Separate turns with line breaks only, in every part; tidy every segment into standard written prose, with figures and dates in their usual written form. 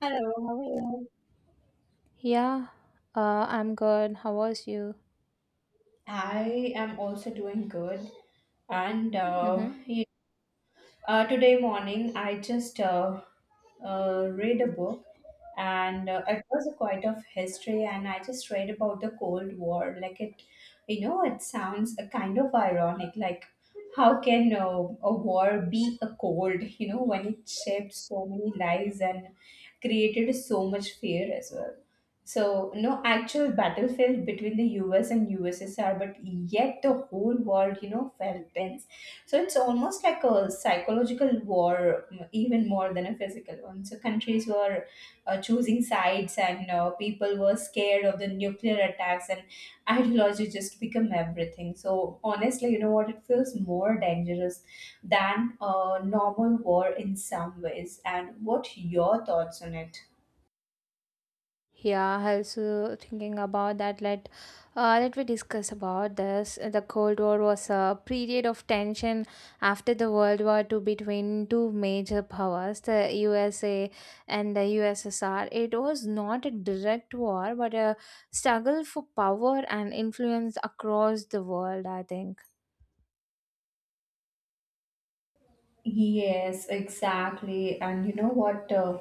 Hello, how are you?
Yeah, I'm good. How was you?
I am also doing good. And uh,
Mm-hmm.
y- Today morning, I just read a book, and it was quite of history. And I just read about the Cold War. It sounds a kind of ironic. Like how can a war be a cold? You know, when it shaped so many lives and created so much fear as well. So no actual battlefield USSR, but yet the whole world, you know, felt tense. So it's almost like a psychological war, even more than a physical one. So countries were choosing sides, and people were scared of the nuclear attacks, and ideology just become everything. So honestly, you know what? It feels more dangerous than a normal war in some ways. And what your thoughts on it?
Yeah, I also thinking about that. Let me discuss about this. The Cold War was a period of tension after the World War Two between two major powers, the USA and the USSR. It was not a direct war, but a struggle for power and influence across the world. I think.
Yes, exactly. And you know what?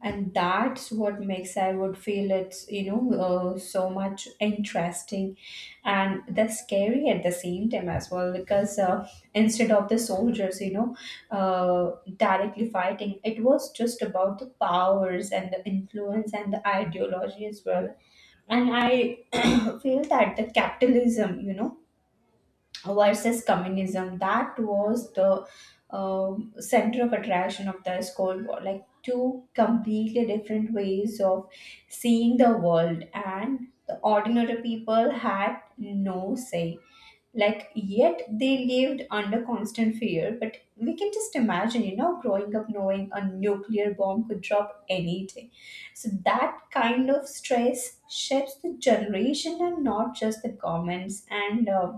And that's what makes I would feel it's so much interesting, and that's scary at the same time as well because instead of the soldiers, you know, uh, directly fighting, it was just about the powers and the influence and the ideology as well. And I feel that the capitalism, you know, versus communism, that was the uh, center of attraction of the Cold War. Like two completely different ways of seeing the world, and the ordinary people had no say. Like, yet they lived under constant fear, but we can just imagine, you know, growing up knowing a nuclear bomb could drop any day. So that kind of stress shapes the generation and not just the governments. And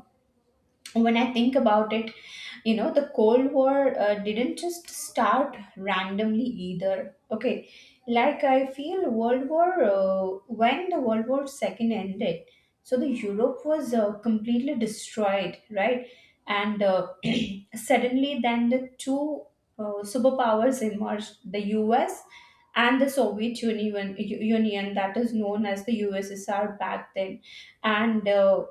When I think about it, you know, the Cold War didn't just start randomly either. Okay, like I feel World War, when the World War Second ended, so the Europe was completely destroyed, right? And suddenly, then the two superpowers emerged: the U.S. and the Soviet Union, Union, that is known as the USSR back then. And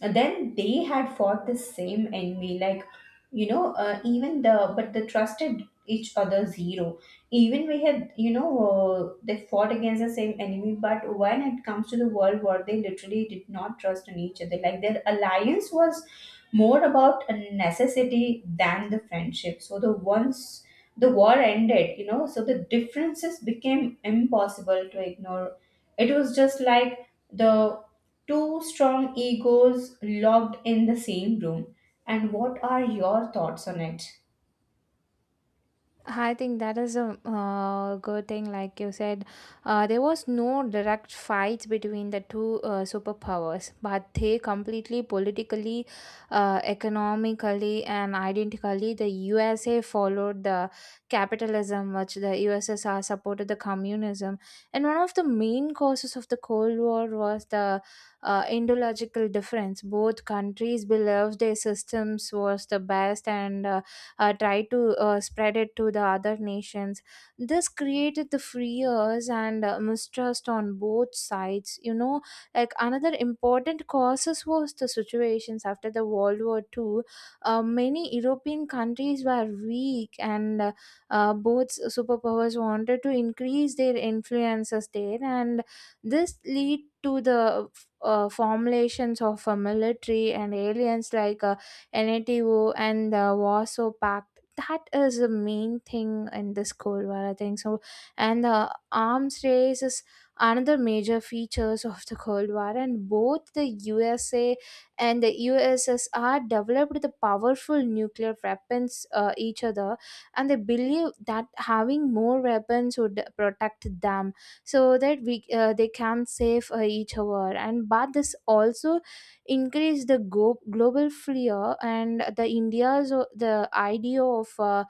and then they had fought the same enemy, like, you know, even the, but they trusted each other zero. Even we had, you know, they fought against the same enemy, but when it comes to the world war, they literally did not trust in each other. Like, their alliance was more about a necessity than the friendship. So the once the war ended, you know, so the differences became impossible to ignore. It was just like the two strong egos locked in the same room. And what are your thoughts on it?
I think that is a good thing. Like you said, there was no direct fight between the two superpowers, but they completely politically, economically, and identically, the USA followed the capitalism, which the USSR supported the communism. And one of the main causes of the Cold War was the ideological difference. Both countries believed their systems was the best and try to spread it to the other nations. This created the fears and mistrust on both sides. You know, like another important causes was the situations after the World War Two. Many European countries were weak, and both superpowers wanted to increase their influences there, and this lead to the formulations of a military and aliens like. NATO and the Warsaw Pact. That is the main thing in this Cold War, I think so. And the arms race is another major features of the Cold War, and both the USA and the USSR developed the powerful nuclear weapons each other, and they believe that having more weapons would protect them so that we they can save each other. And but this also increase the global fear and the india's the idea of uh,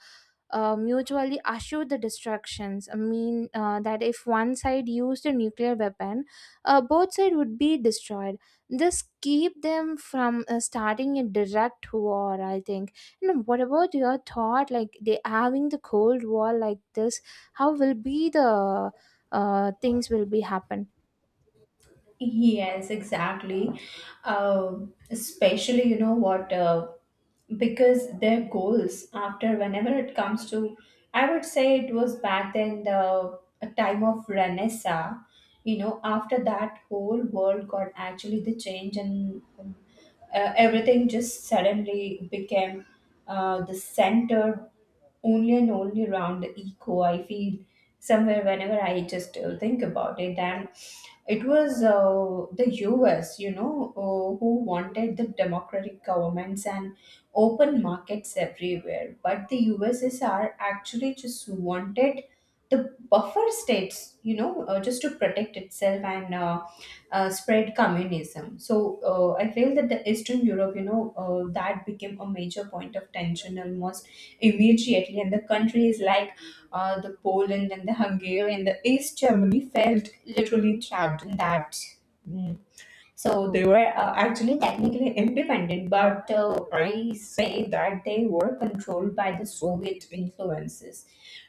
uh, mutually assured the destructions. That if one side used a nuclear weapon, both side would be destroyed. This keep them from starting a direct war, I think. And what about your thought, like they having the Cold War like this, how will be the things will be happen?
Yes, exactly. Especially, you know what, because their goals after whenever it comes to, I would say it was back then the a time of Renaissance, you know, after that whole world got actually the change. And everything just suddenly became the center only and only around the eco. I feel somewhere whenever I just think about it, and it was the US, you know, who wanted the democratic governments and open markets everywhere. But the USSR actually just wanted the buffer states, you know, just to protect itself and spread communism. So I feel that the Eastern Europe, you know, that became a major point of tension almost immediately, and the countries like the Poland and the Hungary and the East Germany felt literally trapped in that. Mm. So they were actually technically independent, but I say that they were controlled by the Soviet influences.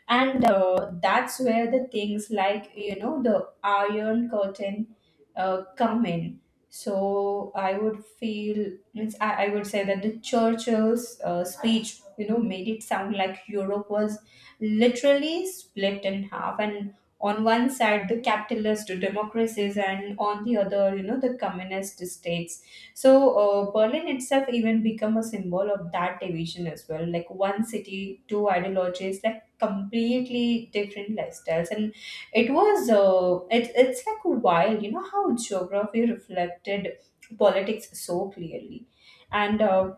And that's where the things like, you know, the iron curtain come in. So I would feel means I would say that the churchill's speech, you know, made it sound like europe was literally split in half. And on one side the capitalist democracies, and on the other, you know, the communist states. So berlin itself even become a symbol of that division as well. Like one city, two ideologies. Like completely different lifestyles. And it's like wild, you know, how geography reflected politics so clearly. And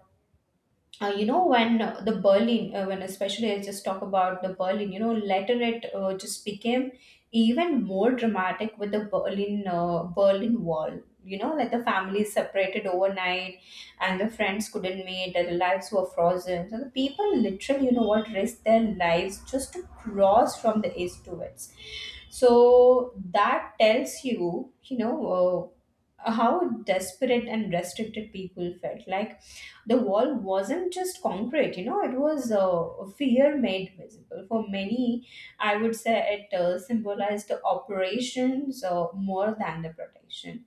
You know, when the berlin when especially I just talk about the berlin, you know, later it just became even more dramatic with the berlin wall. You know, like the families separated overnight, and the friends couldn't meet, their lives were frozen. So the people literally, you know what, risked their lives just to cross from the east to west. So that tells you, you know how desperate and restricted people felt. Like the wall wasn't just concrete, you know, it was fear made visible. For many, I would say it symbolized the operations more than the protection.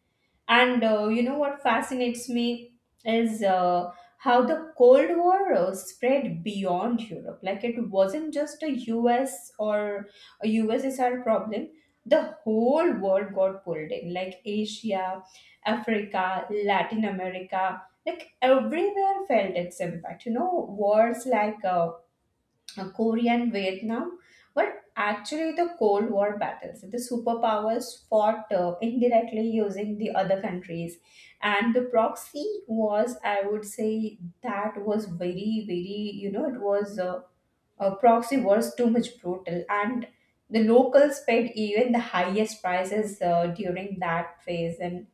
And you know what fascinates me is how the Cold War spread beyond Europe. Like it wasn't just a US or a USSR problem. The whole world got pulled in, like Asia, Africa, Latin America, like everywhere felt its impact. You know, wars like Korea and Vietnam were actually the Cold War battles. The superpowers fought indirectly using the other countries, and the proxy was, I would say, that was very, very, you know, it was a proxy was too much brutal, and the locals paid even the highest prices during that phase. And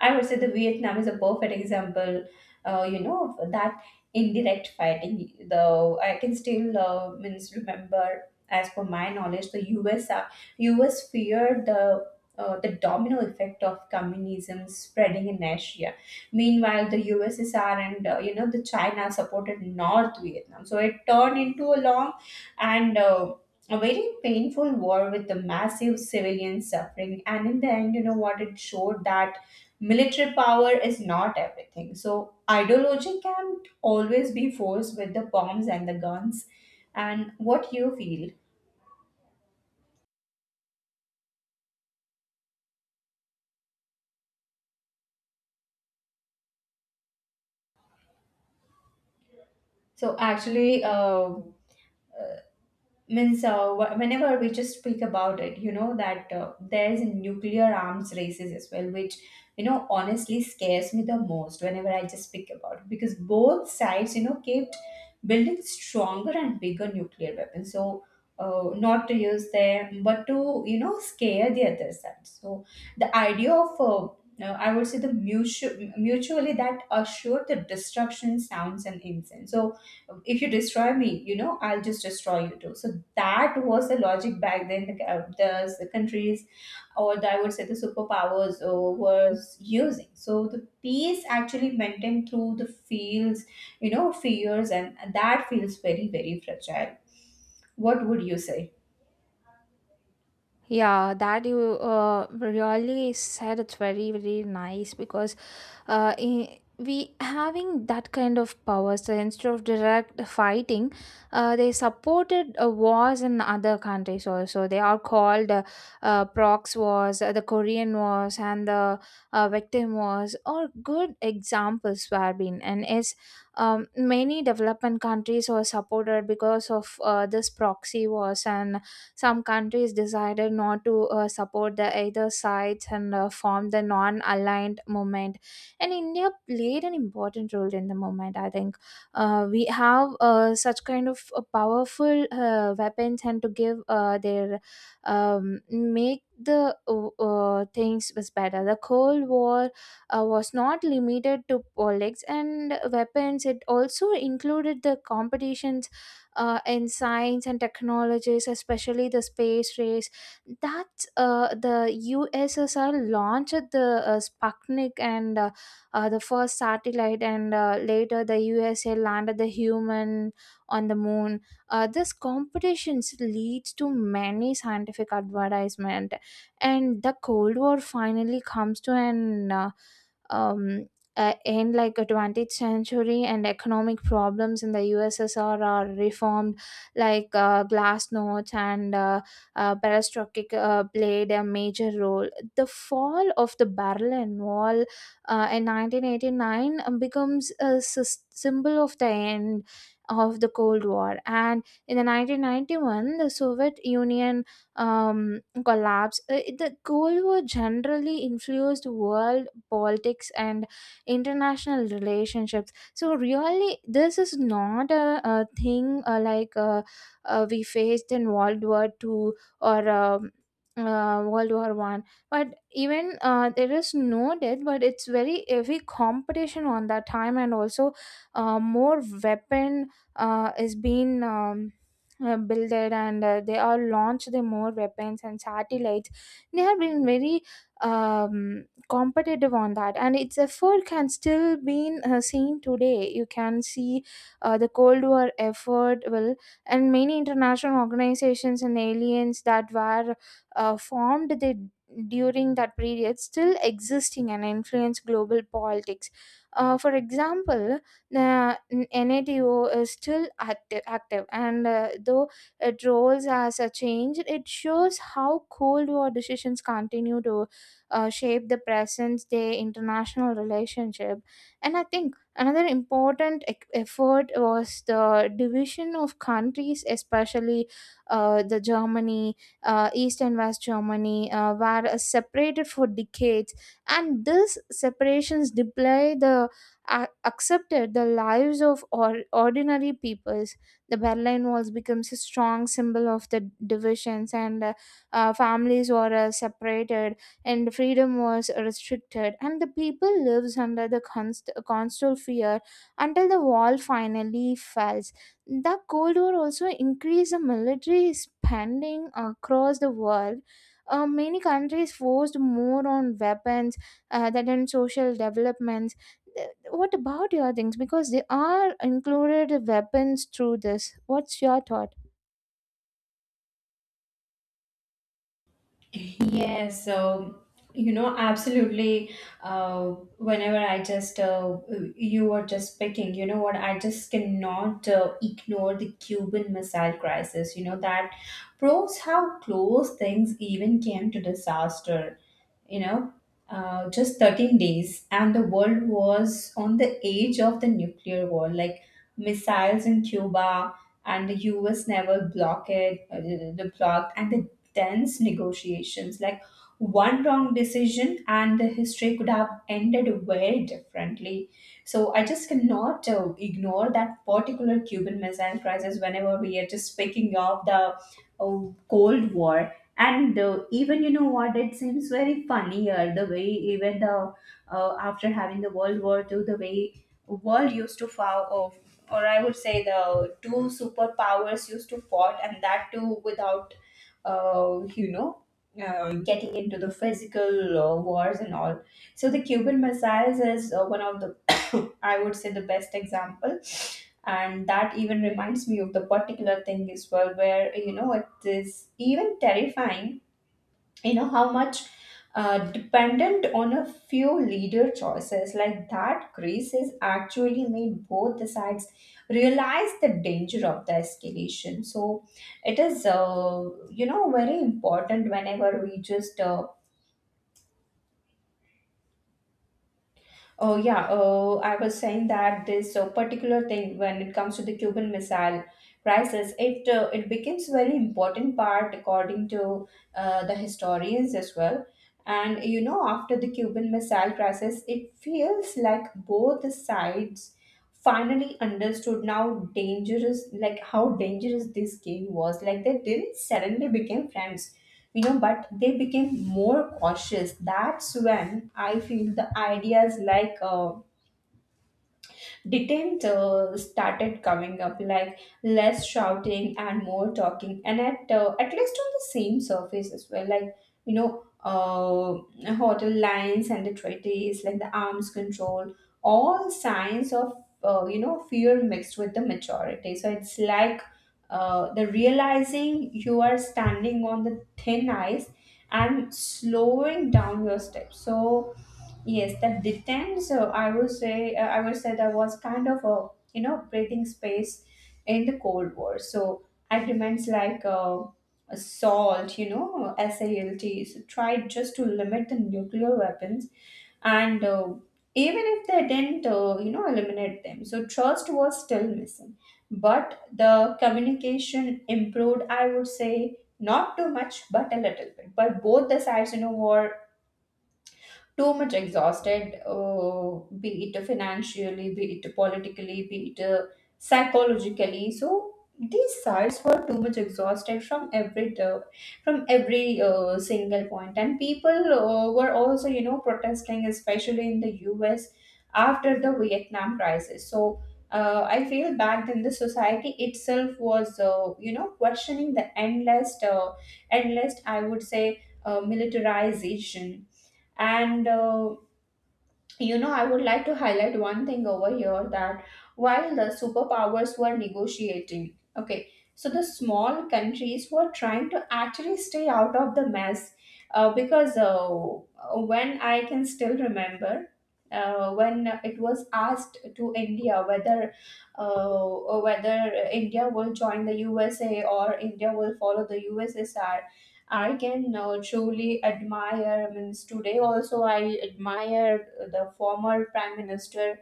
I would say the Vietnam is a perfect example, you know, of that indirect fighting. Though I can still means remember, as per my knowledge, the U.S. feared the domino effect of communism spreading in Asia. Meanwhile, the USSR and, you know, the China supported North Vietnam, so it turned into a long and a very painful war with the massive civilian suffering. And in the end, you know what, it showed that military power is not everything. So ideology can't always be forced with the bombs and the guns. And what you feel? So actually, whenever we just speak about it, you know, that there's nuclear arms races as well, which, you know, honestly scares me the most whenever I just speak about it. Because both sides, you know, kept building stronger and bigger nuclear weapons. So not to use them, but to, you know, scare the other side. So the idea of I would say the mutually that assure the destruction sounds and incense. So if you destroy me, you know, I'll just destroy you too. So that was the logic back then. The countries, or the, I would say the superpowers, was using. So the peace actually maintained through the fields, you know, fears, and that feels very, very fragile. What would you say?
Yeah, that you really said it's very very nice, because we having that kind of powers, so instead of direct fighting, they supported wars in other countries also. They are called prox wars, the Korean wars, and the victim wars. Are good examples were been and is many development countries were supported because of this proxy wars, and some countries decided not to support the either sides and formed the non-aligned movement. And India played an important role in the movement. I think we have such kind of powerful weapons and to give their make the things was better. The Cold War was not limited to politics and weapons. It also included the competitions in science and technologies, especially the space race. That's the USSR launched the Sputnik and the first satellite, and later the USA landed the human on the moon. This competitions leads to many scientific advertisement, and the Cold War finally comes to an um, in like a 20th century, and economic problems in the USSR are reformed, like glasnost and perestroika played a major role. The fall of the Berlin Wall in 1989 becomes a symbol of the end of the Cold War, and in the 1991 the Soviet Union um, collapse. The Cold War generally influenced world politics and international relationships. So really this is not a thing we faced in World War Two or World War One. But even there is no death, but it's very heavy competition on that time. And also more weapon is being builded, and they are launched the more weapons and satellites. They have been very um, competitive on that, and its effort can still be seen today. You can see the Cold War effort will, and many international organizations and aliens that were formed during that period still existing and influence global politics. For example, the NATO is still active, and though it roles as a change, it shows how Cold War decisions continue to shape the present day international relationship. And I think another important effort was the division of countries, especially the Germany, East and West Germany, were separated for decades. And these separations display the accepted the lives of ordinary peoples. The Berlin Walls becomes a strong symbol of the divisions, and families were separated, and freedom was restricted, and the people lives under the constant fear until the wall finally falls. The Cold War also increased the military spending across the world. Many countries forced more on weapons than on social developments. What about your things, because they are included weapons through this? What's your thought?
Yes, so you know, absolutely. Uh, whenever I just you were just speaking, you know what? I just cannot ignore the Cuban Missile Crisis. You know, that proves how close things even came to disaster. You know, just 13 days, and the world was on the edge of the nuclear war. Like missiles in Cuba, and the US never blocked it, the blocked, and the tense negotiations. Like one wrong decision, and the history could have ended very differently. So I just cannot ignore that particular Cuban Missile Crisis whenever we are just speaking of the Cold War. And even, you know what, it seems very funnier the way even the after having the world war Two, the way world used to fall off, or I would say the two superpowers used to fought, and that too without uh, you know getting into the physical wars and all. So the cuban missiles is one of the I would say the best example. And that even reminds me of the particular thing as well, where, you know, is even terrifying. You know how much dependent on a few leader choices. Like that grace has actually made both the sides realize the danger of the escalation. So it is you know, very important whenever we just Oh yeah. Oh, I was saying that this particular thing, when it comes to the Cuban Missile Crisis, it becomes very important part according to the historians as well. And you know, after the Cuban Missile Crisis, it feels like both the sides finally understood now dangerous, like how dangerous this game was. Like they didn't suddenly become friends, but they became more cautious. That's when I feel the ideas like, details started coming up, like less shouting and more talking, and at least on the same surface as well. Like, you know uh, hotel lines and the treaties, like the arms control, all signs of fear mixed with the maturity. So it's like, the realizing you are standing on the thin ice and slowing down your steps. So yes, that depends. So I would say, that was kind of a breathing space in the Cold War. So agreements like, SALT, SALTs tried just to limit the nuclear weapons, and, even if they didn't, eliminate them, so trust was still missing. But the communication improved. I would say not too much, but a little bit. But both the sides, were too much exhausted, be it financially, be it politically, be it psychologically. So these sides were too much exhausted from every single point, and people were also protesting, especially in the U.S. after the Vietnam crisis. So. I feel back then the society itself was, questioning the endless, I would say, militarization, and, I would like to highlight one thing over here, that while the superpowers were negotiating, okay, so the small countries were trying to actually stay out of the mess, because, when I can still remember. When it was asked to India whether, uh, whether India will join the USA or India will follow the USSR, I can, truly admire. Means today also I admire the former Prime Minister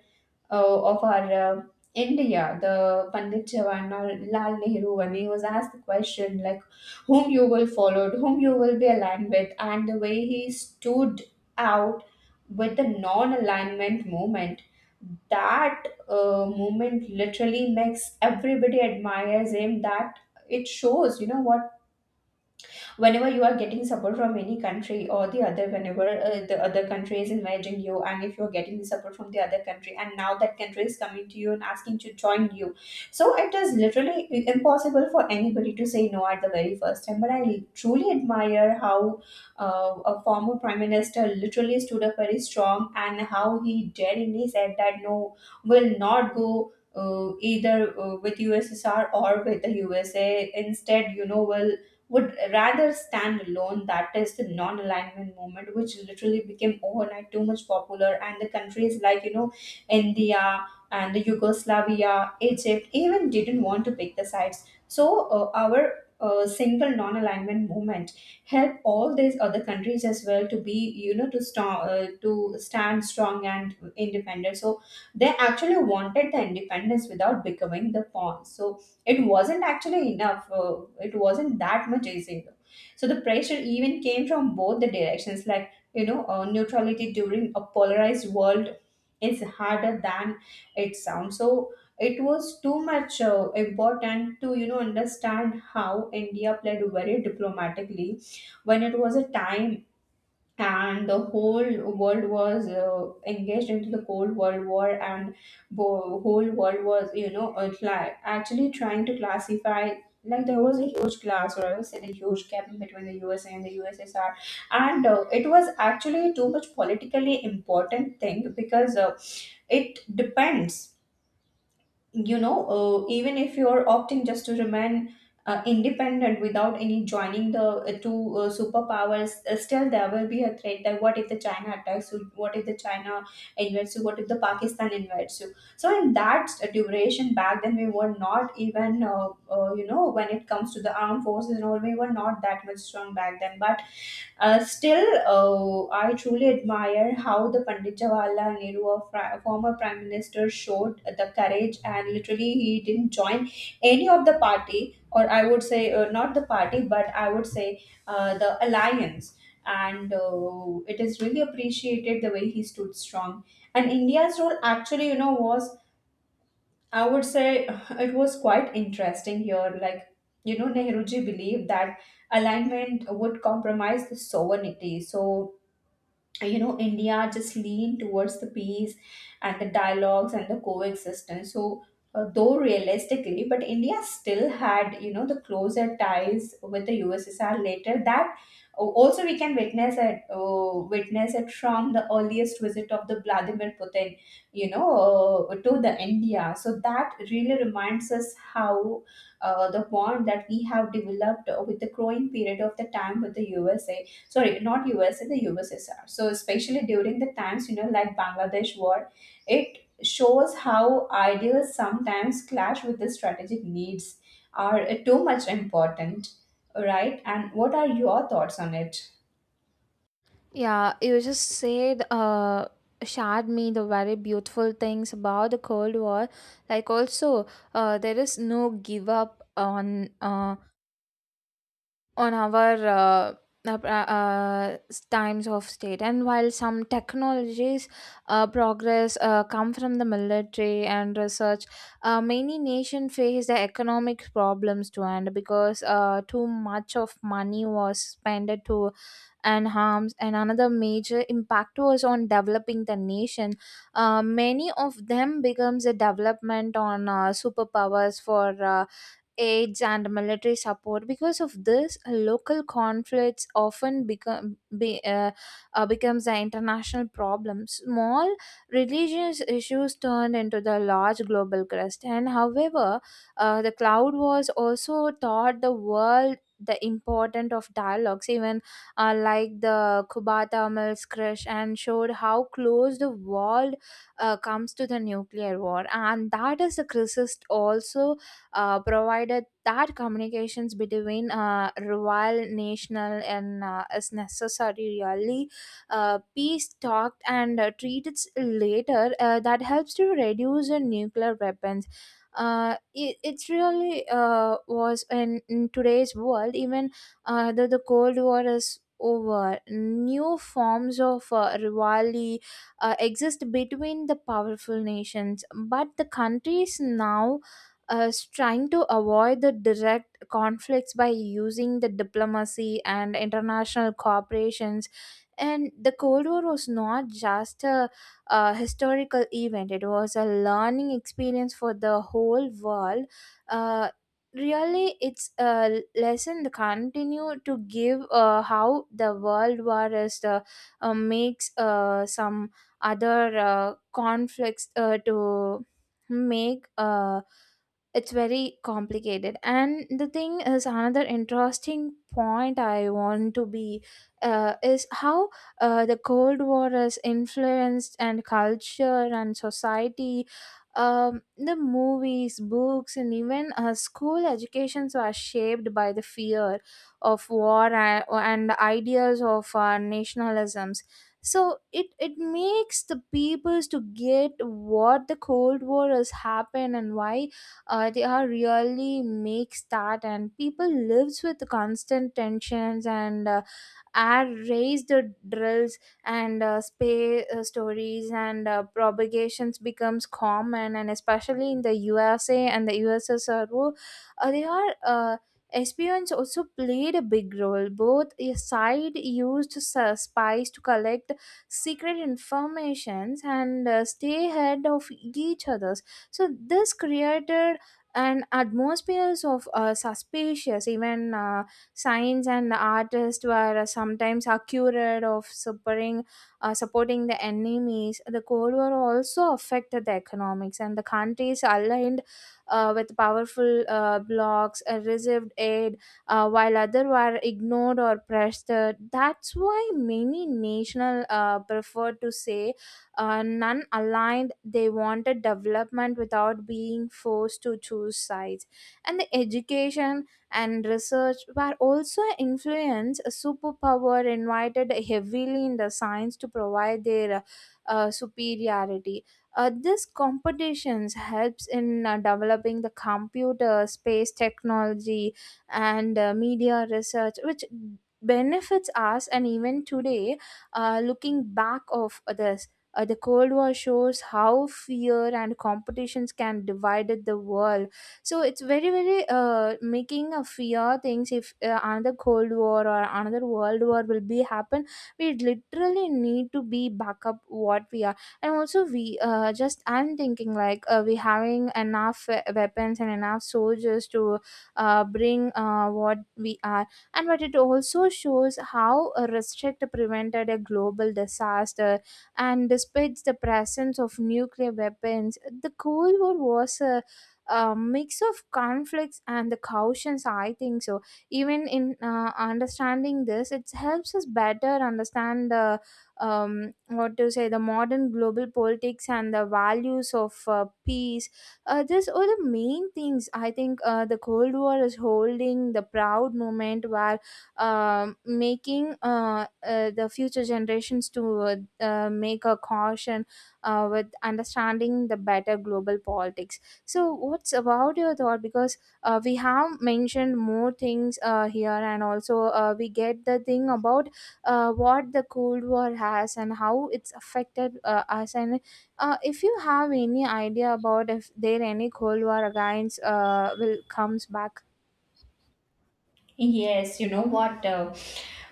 of our uh, India, the Pandit Jawaharlal Nehru. When he was asked the question like, whom you will follow, whom you will be aligned with, and the way he stood out with the non-alignment movement. That movement literally makes everybody admires him. That it shows, you know what, whenever you are getting support from any country or the other, whenever the other country is inviting you, and if you're getting the support from the other country and now that country is coming to you and asking to join you, so it is literally impossible for anybody to say no at the very first time. But I truly admire how, a former prime minister literally stood up very strong, and how he daringly said that no, will not go, either, with USSR or with the USA. Instead, you know, will would rather stand alone. That is the non alignment movement, which literally became overnight too much popular. And the countries like, India and the Yugoslavia, Egypt, even didn't want to pick the sides. So, our single non alignment movement help all these other countries as well to be, to stand strong and independent. So they actually wanted the independence without becoming the pawn. So it wasn't actually enough. It wasn't that much easier. So the pressure even came from both the directions. Like, neutrality during a polarized world is harder than it sounds. So it was too much important to understand how India played very diplomatically when it was a time, and the whole world was engaged into the cold world war, and whole world was, actually trying to classify. Like, there was a huge class, or I would say the huge gap between the USA and the USSR. And, it was actually too much politically important thing, because, it depends. Even if you're opting just to remain, independent without any joining the, two superpowers, still there will be a threat that, what if the China attacks you? What if the China invades you? What if the Pakistan invades you? So in that duration back then, we were not even, when it comes to the armed forces and all, we were not that much strong back then. But, still, I truly admire how the Pandit Jawaharlal Nehru, former prime minister, showed the courage, and literally he didn't join any of the party, or I would say, not the party, but I would say the alliance. And, it is really appreciated the way he stood strong. And India's role actually, was, I would say, it was quite interesting here. Like, Nehruji believed that alignment would compromise the sovereignty. So, India just lean towards the peace and the dialogues and the coexistence. So, though realistically, but India still had, the closer ties with the USSR later. That oh, also we can witness it, from the earliest visit of the Vladimir Putin, you know to the India. So that really reminds us how the bond that we have developed with the growing period of the time with the USA, sorry, not US, the USSR. So especially during the times, like Bangladesh war, it shows how ideals sometimes clash with the strategic needs, are, too much important, right? And what are your thoughts on it?
Yeah, you just said, shared me the very beautiful things about the Cold War. Like also, there is no give up on our uh, uh, times of state. And while some technologies progress come from the military and research, many nations face the economic problems too, and because too much of money was spent to and harms. And another major impact was on developing the nation. Many of them becomes a development on superpowers for aids and military support. Because of this, local conflicts often becomes an international problem. Small religious issues turned into the large global crust. And however, the cloud was also taught the world the importance of dialogues, even like the kubata mills crash, and showed how close the world comes to the nuclear war, and that is the crisis also provided that communications between rival national and is necessary, really. Peace talked and treated later, that helps to reduce the nuclear weapons. It's really was in today's world even the Cold War is over, new forms of rivalry exist between the powerful nations. But the countries now trying to avoid the direct conflicts by using the diplomacy and international cooperations. And the Cold War was not just a historical event, it was a learning experience for the whole world. uh, Really it's a lesson to continue to give how the world war is makes some other conflicts to make it's very complicated. And the thing is, another interesting point I want to be is how the Cold War has influenced and culture and society. The movies, books, and even school educations were shaped by the fear of war, and ideas of nationalisms. So it makes the peoples to get what the Cold War has happened, and why they are really makes that. And people lives with constant tensions, and air raised drills, and space stories, and propagations becomes common, and especially in the USA and the USSR, they are espions also played a big role. Both a side used spies to collect secret informations, and stay ahead of each others. So this created an atmosphere of suspicious. Even science and artists were sometimes accused of supporting the enemies. The Cold War also affected the economics, and the countries aligned with powerful blocs received aid, while others were ignored or pressured. That's why many national preferred to say none aligned. They wanted development without being forced to choose sides. And the education and research were also influenced. Superpower invited heavily in the science to provide their superiority. This competitions helps in developing the computer, space technology, and media research, which benefits us. And even today, looking back of this. The Cold War shows how fear and competitions can divide the world. So it's very very making a fear things, if another cold war or another world war will be happen, we literally need to be back up what we are. And also we just I'm thinking like we having enough weapons and enough soldiers to bring what we are. And but it also shows how a restrict prevented a global disaster. And despite the presence of nuclear weapons, the Cold War was a mix of conflicts and the cautions, I think so. Even in understanding this, it helps us better understand the what to say the modern global politics and the values of peace. These are the main things, I think the Cold War is holding the proud moment where making the future generations to make a caution with understanding the better global politics. So, what's about your thought? Because we have mentioned more things here, and also we get the thing about what the Cold War has and how it's affected us. And if you have any idea about if there any Cold War against will comes back
Yes, you know what?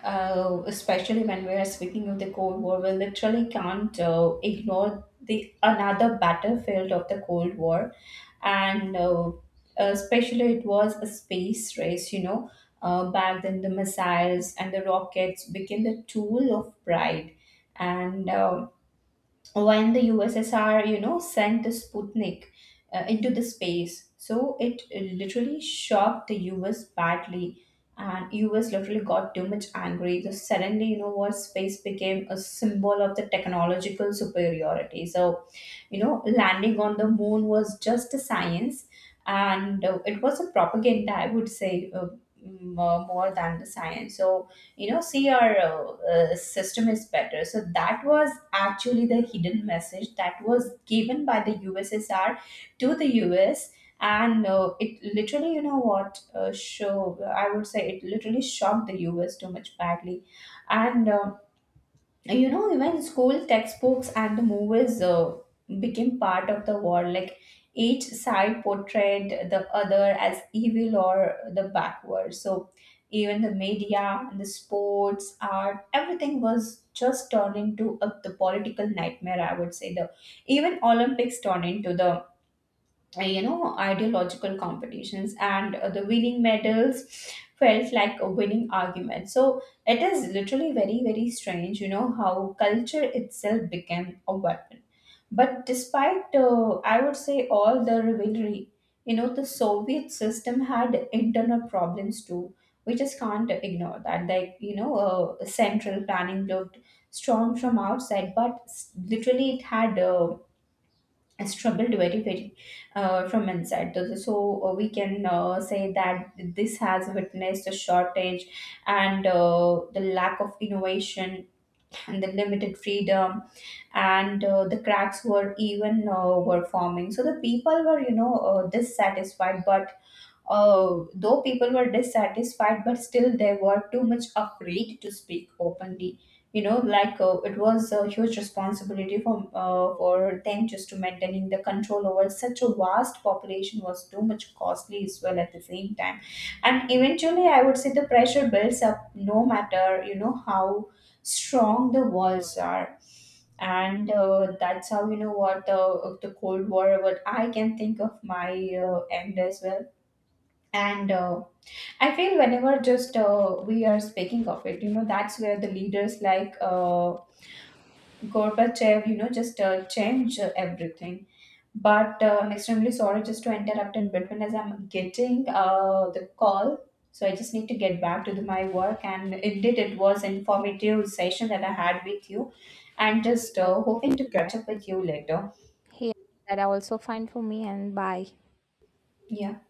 Especially when we are speaking of the Cold War, we literally can't ignore the another battlefield of the Cold War. And, especially, it was a space race, back then. The missiles and the rockets became the tool of pride, and, when the USSR, sent the Sputnik into the space. So it literally shocked the US badly, and US literally got too much angry. So suddenly, you know what, space became a symbol of the technological superiority. So, you know landing on the moon was just a science and it was a propaganda I would say m- more than the science so see, our system is better. So that was actually the hidden message that was given by the USSR to the US. And, it literally you know what show I would say it literally shocked the US too much badly. And, even school textbooks and the movies became part of the war, like each side portrayed the other as evil or the backward. So even the media, the sports, art, everything was just turned into the political nightmare, I would say. The Even Olympics turned into the, ideological competitions, and, the winning medals felt like a winning argument. So it is literally very very strange, you know, how culture itself became a weapon. But despite, I would say, all the rivalry, the Soviet system had internal problems too. We just can't ignore that. Like, central planning looked strong from outside, but, literally it had, struggled very very from inside. So, we can say that this has witnessed a shortage, and, the lack of innovation and the limited freedom. And, the cracks were forming. So the people were, dissatisfied. But, though people were dissatisfied, but still they were too much afraid to speak openly. Like, it was a huge responsibility for, for them. Just to maintaining the control over such a vast population was too much costly as well at the same time. And eventually I would say the pressure builds up, no matter how strong the walls are. And, that's how, you know what, the Cold War, what I can think of, my end as well. And, I feel whenever, just, we are speaking of it, you know, that's where the leaders like Gorbachev, you know, just change everything. But, I'm extremely sorry just to interrupt in between, as I'm getting the call. So I just need to get back to my work. And indeed, it was informative session that I had with you. And just, hoping to catch up with you later.
here, that I also find for me. And bye.
Yeah.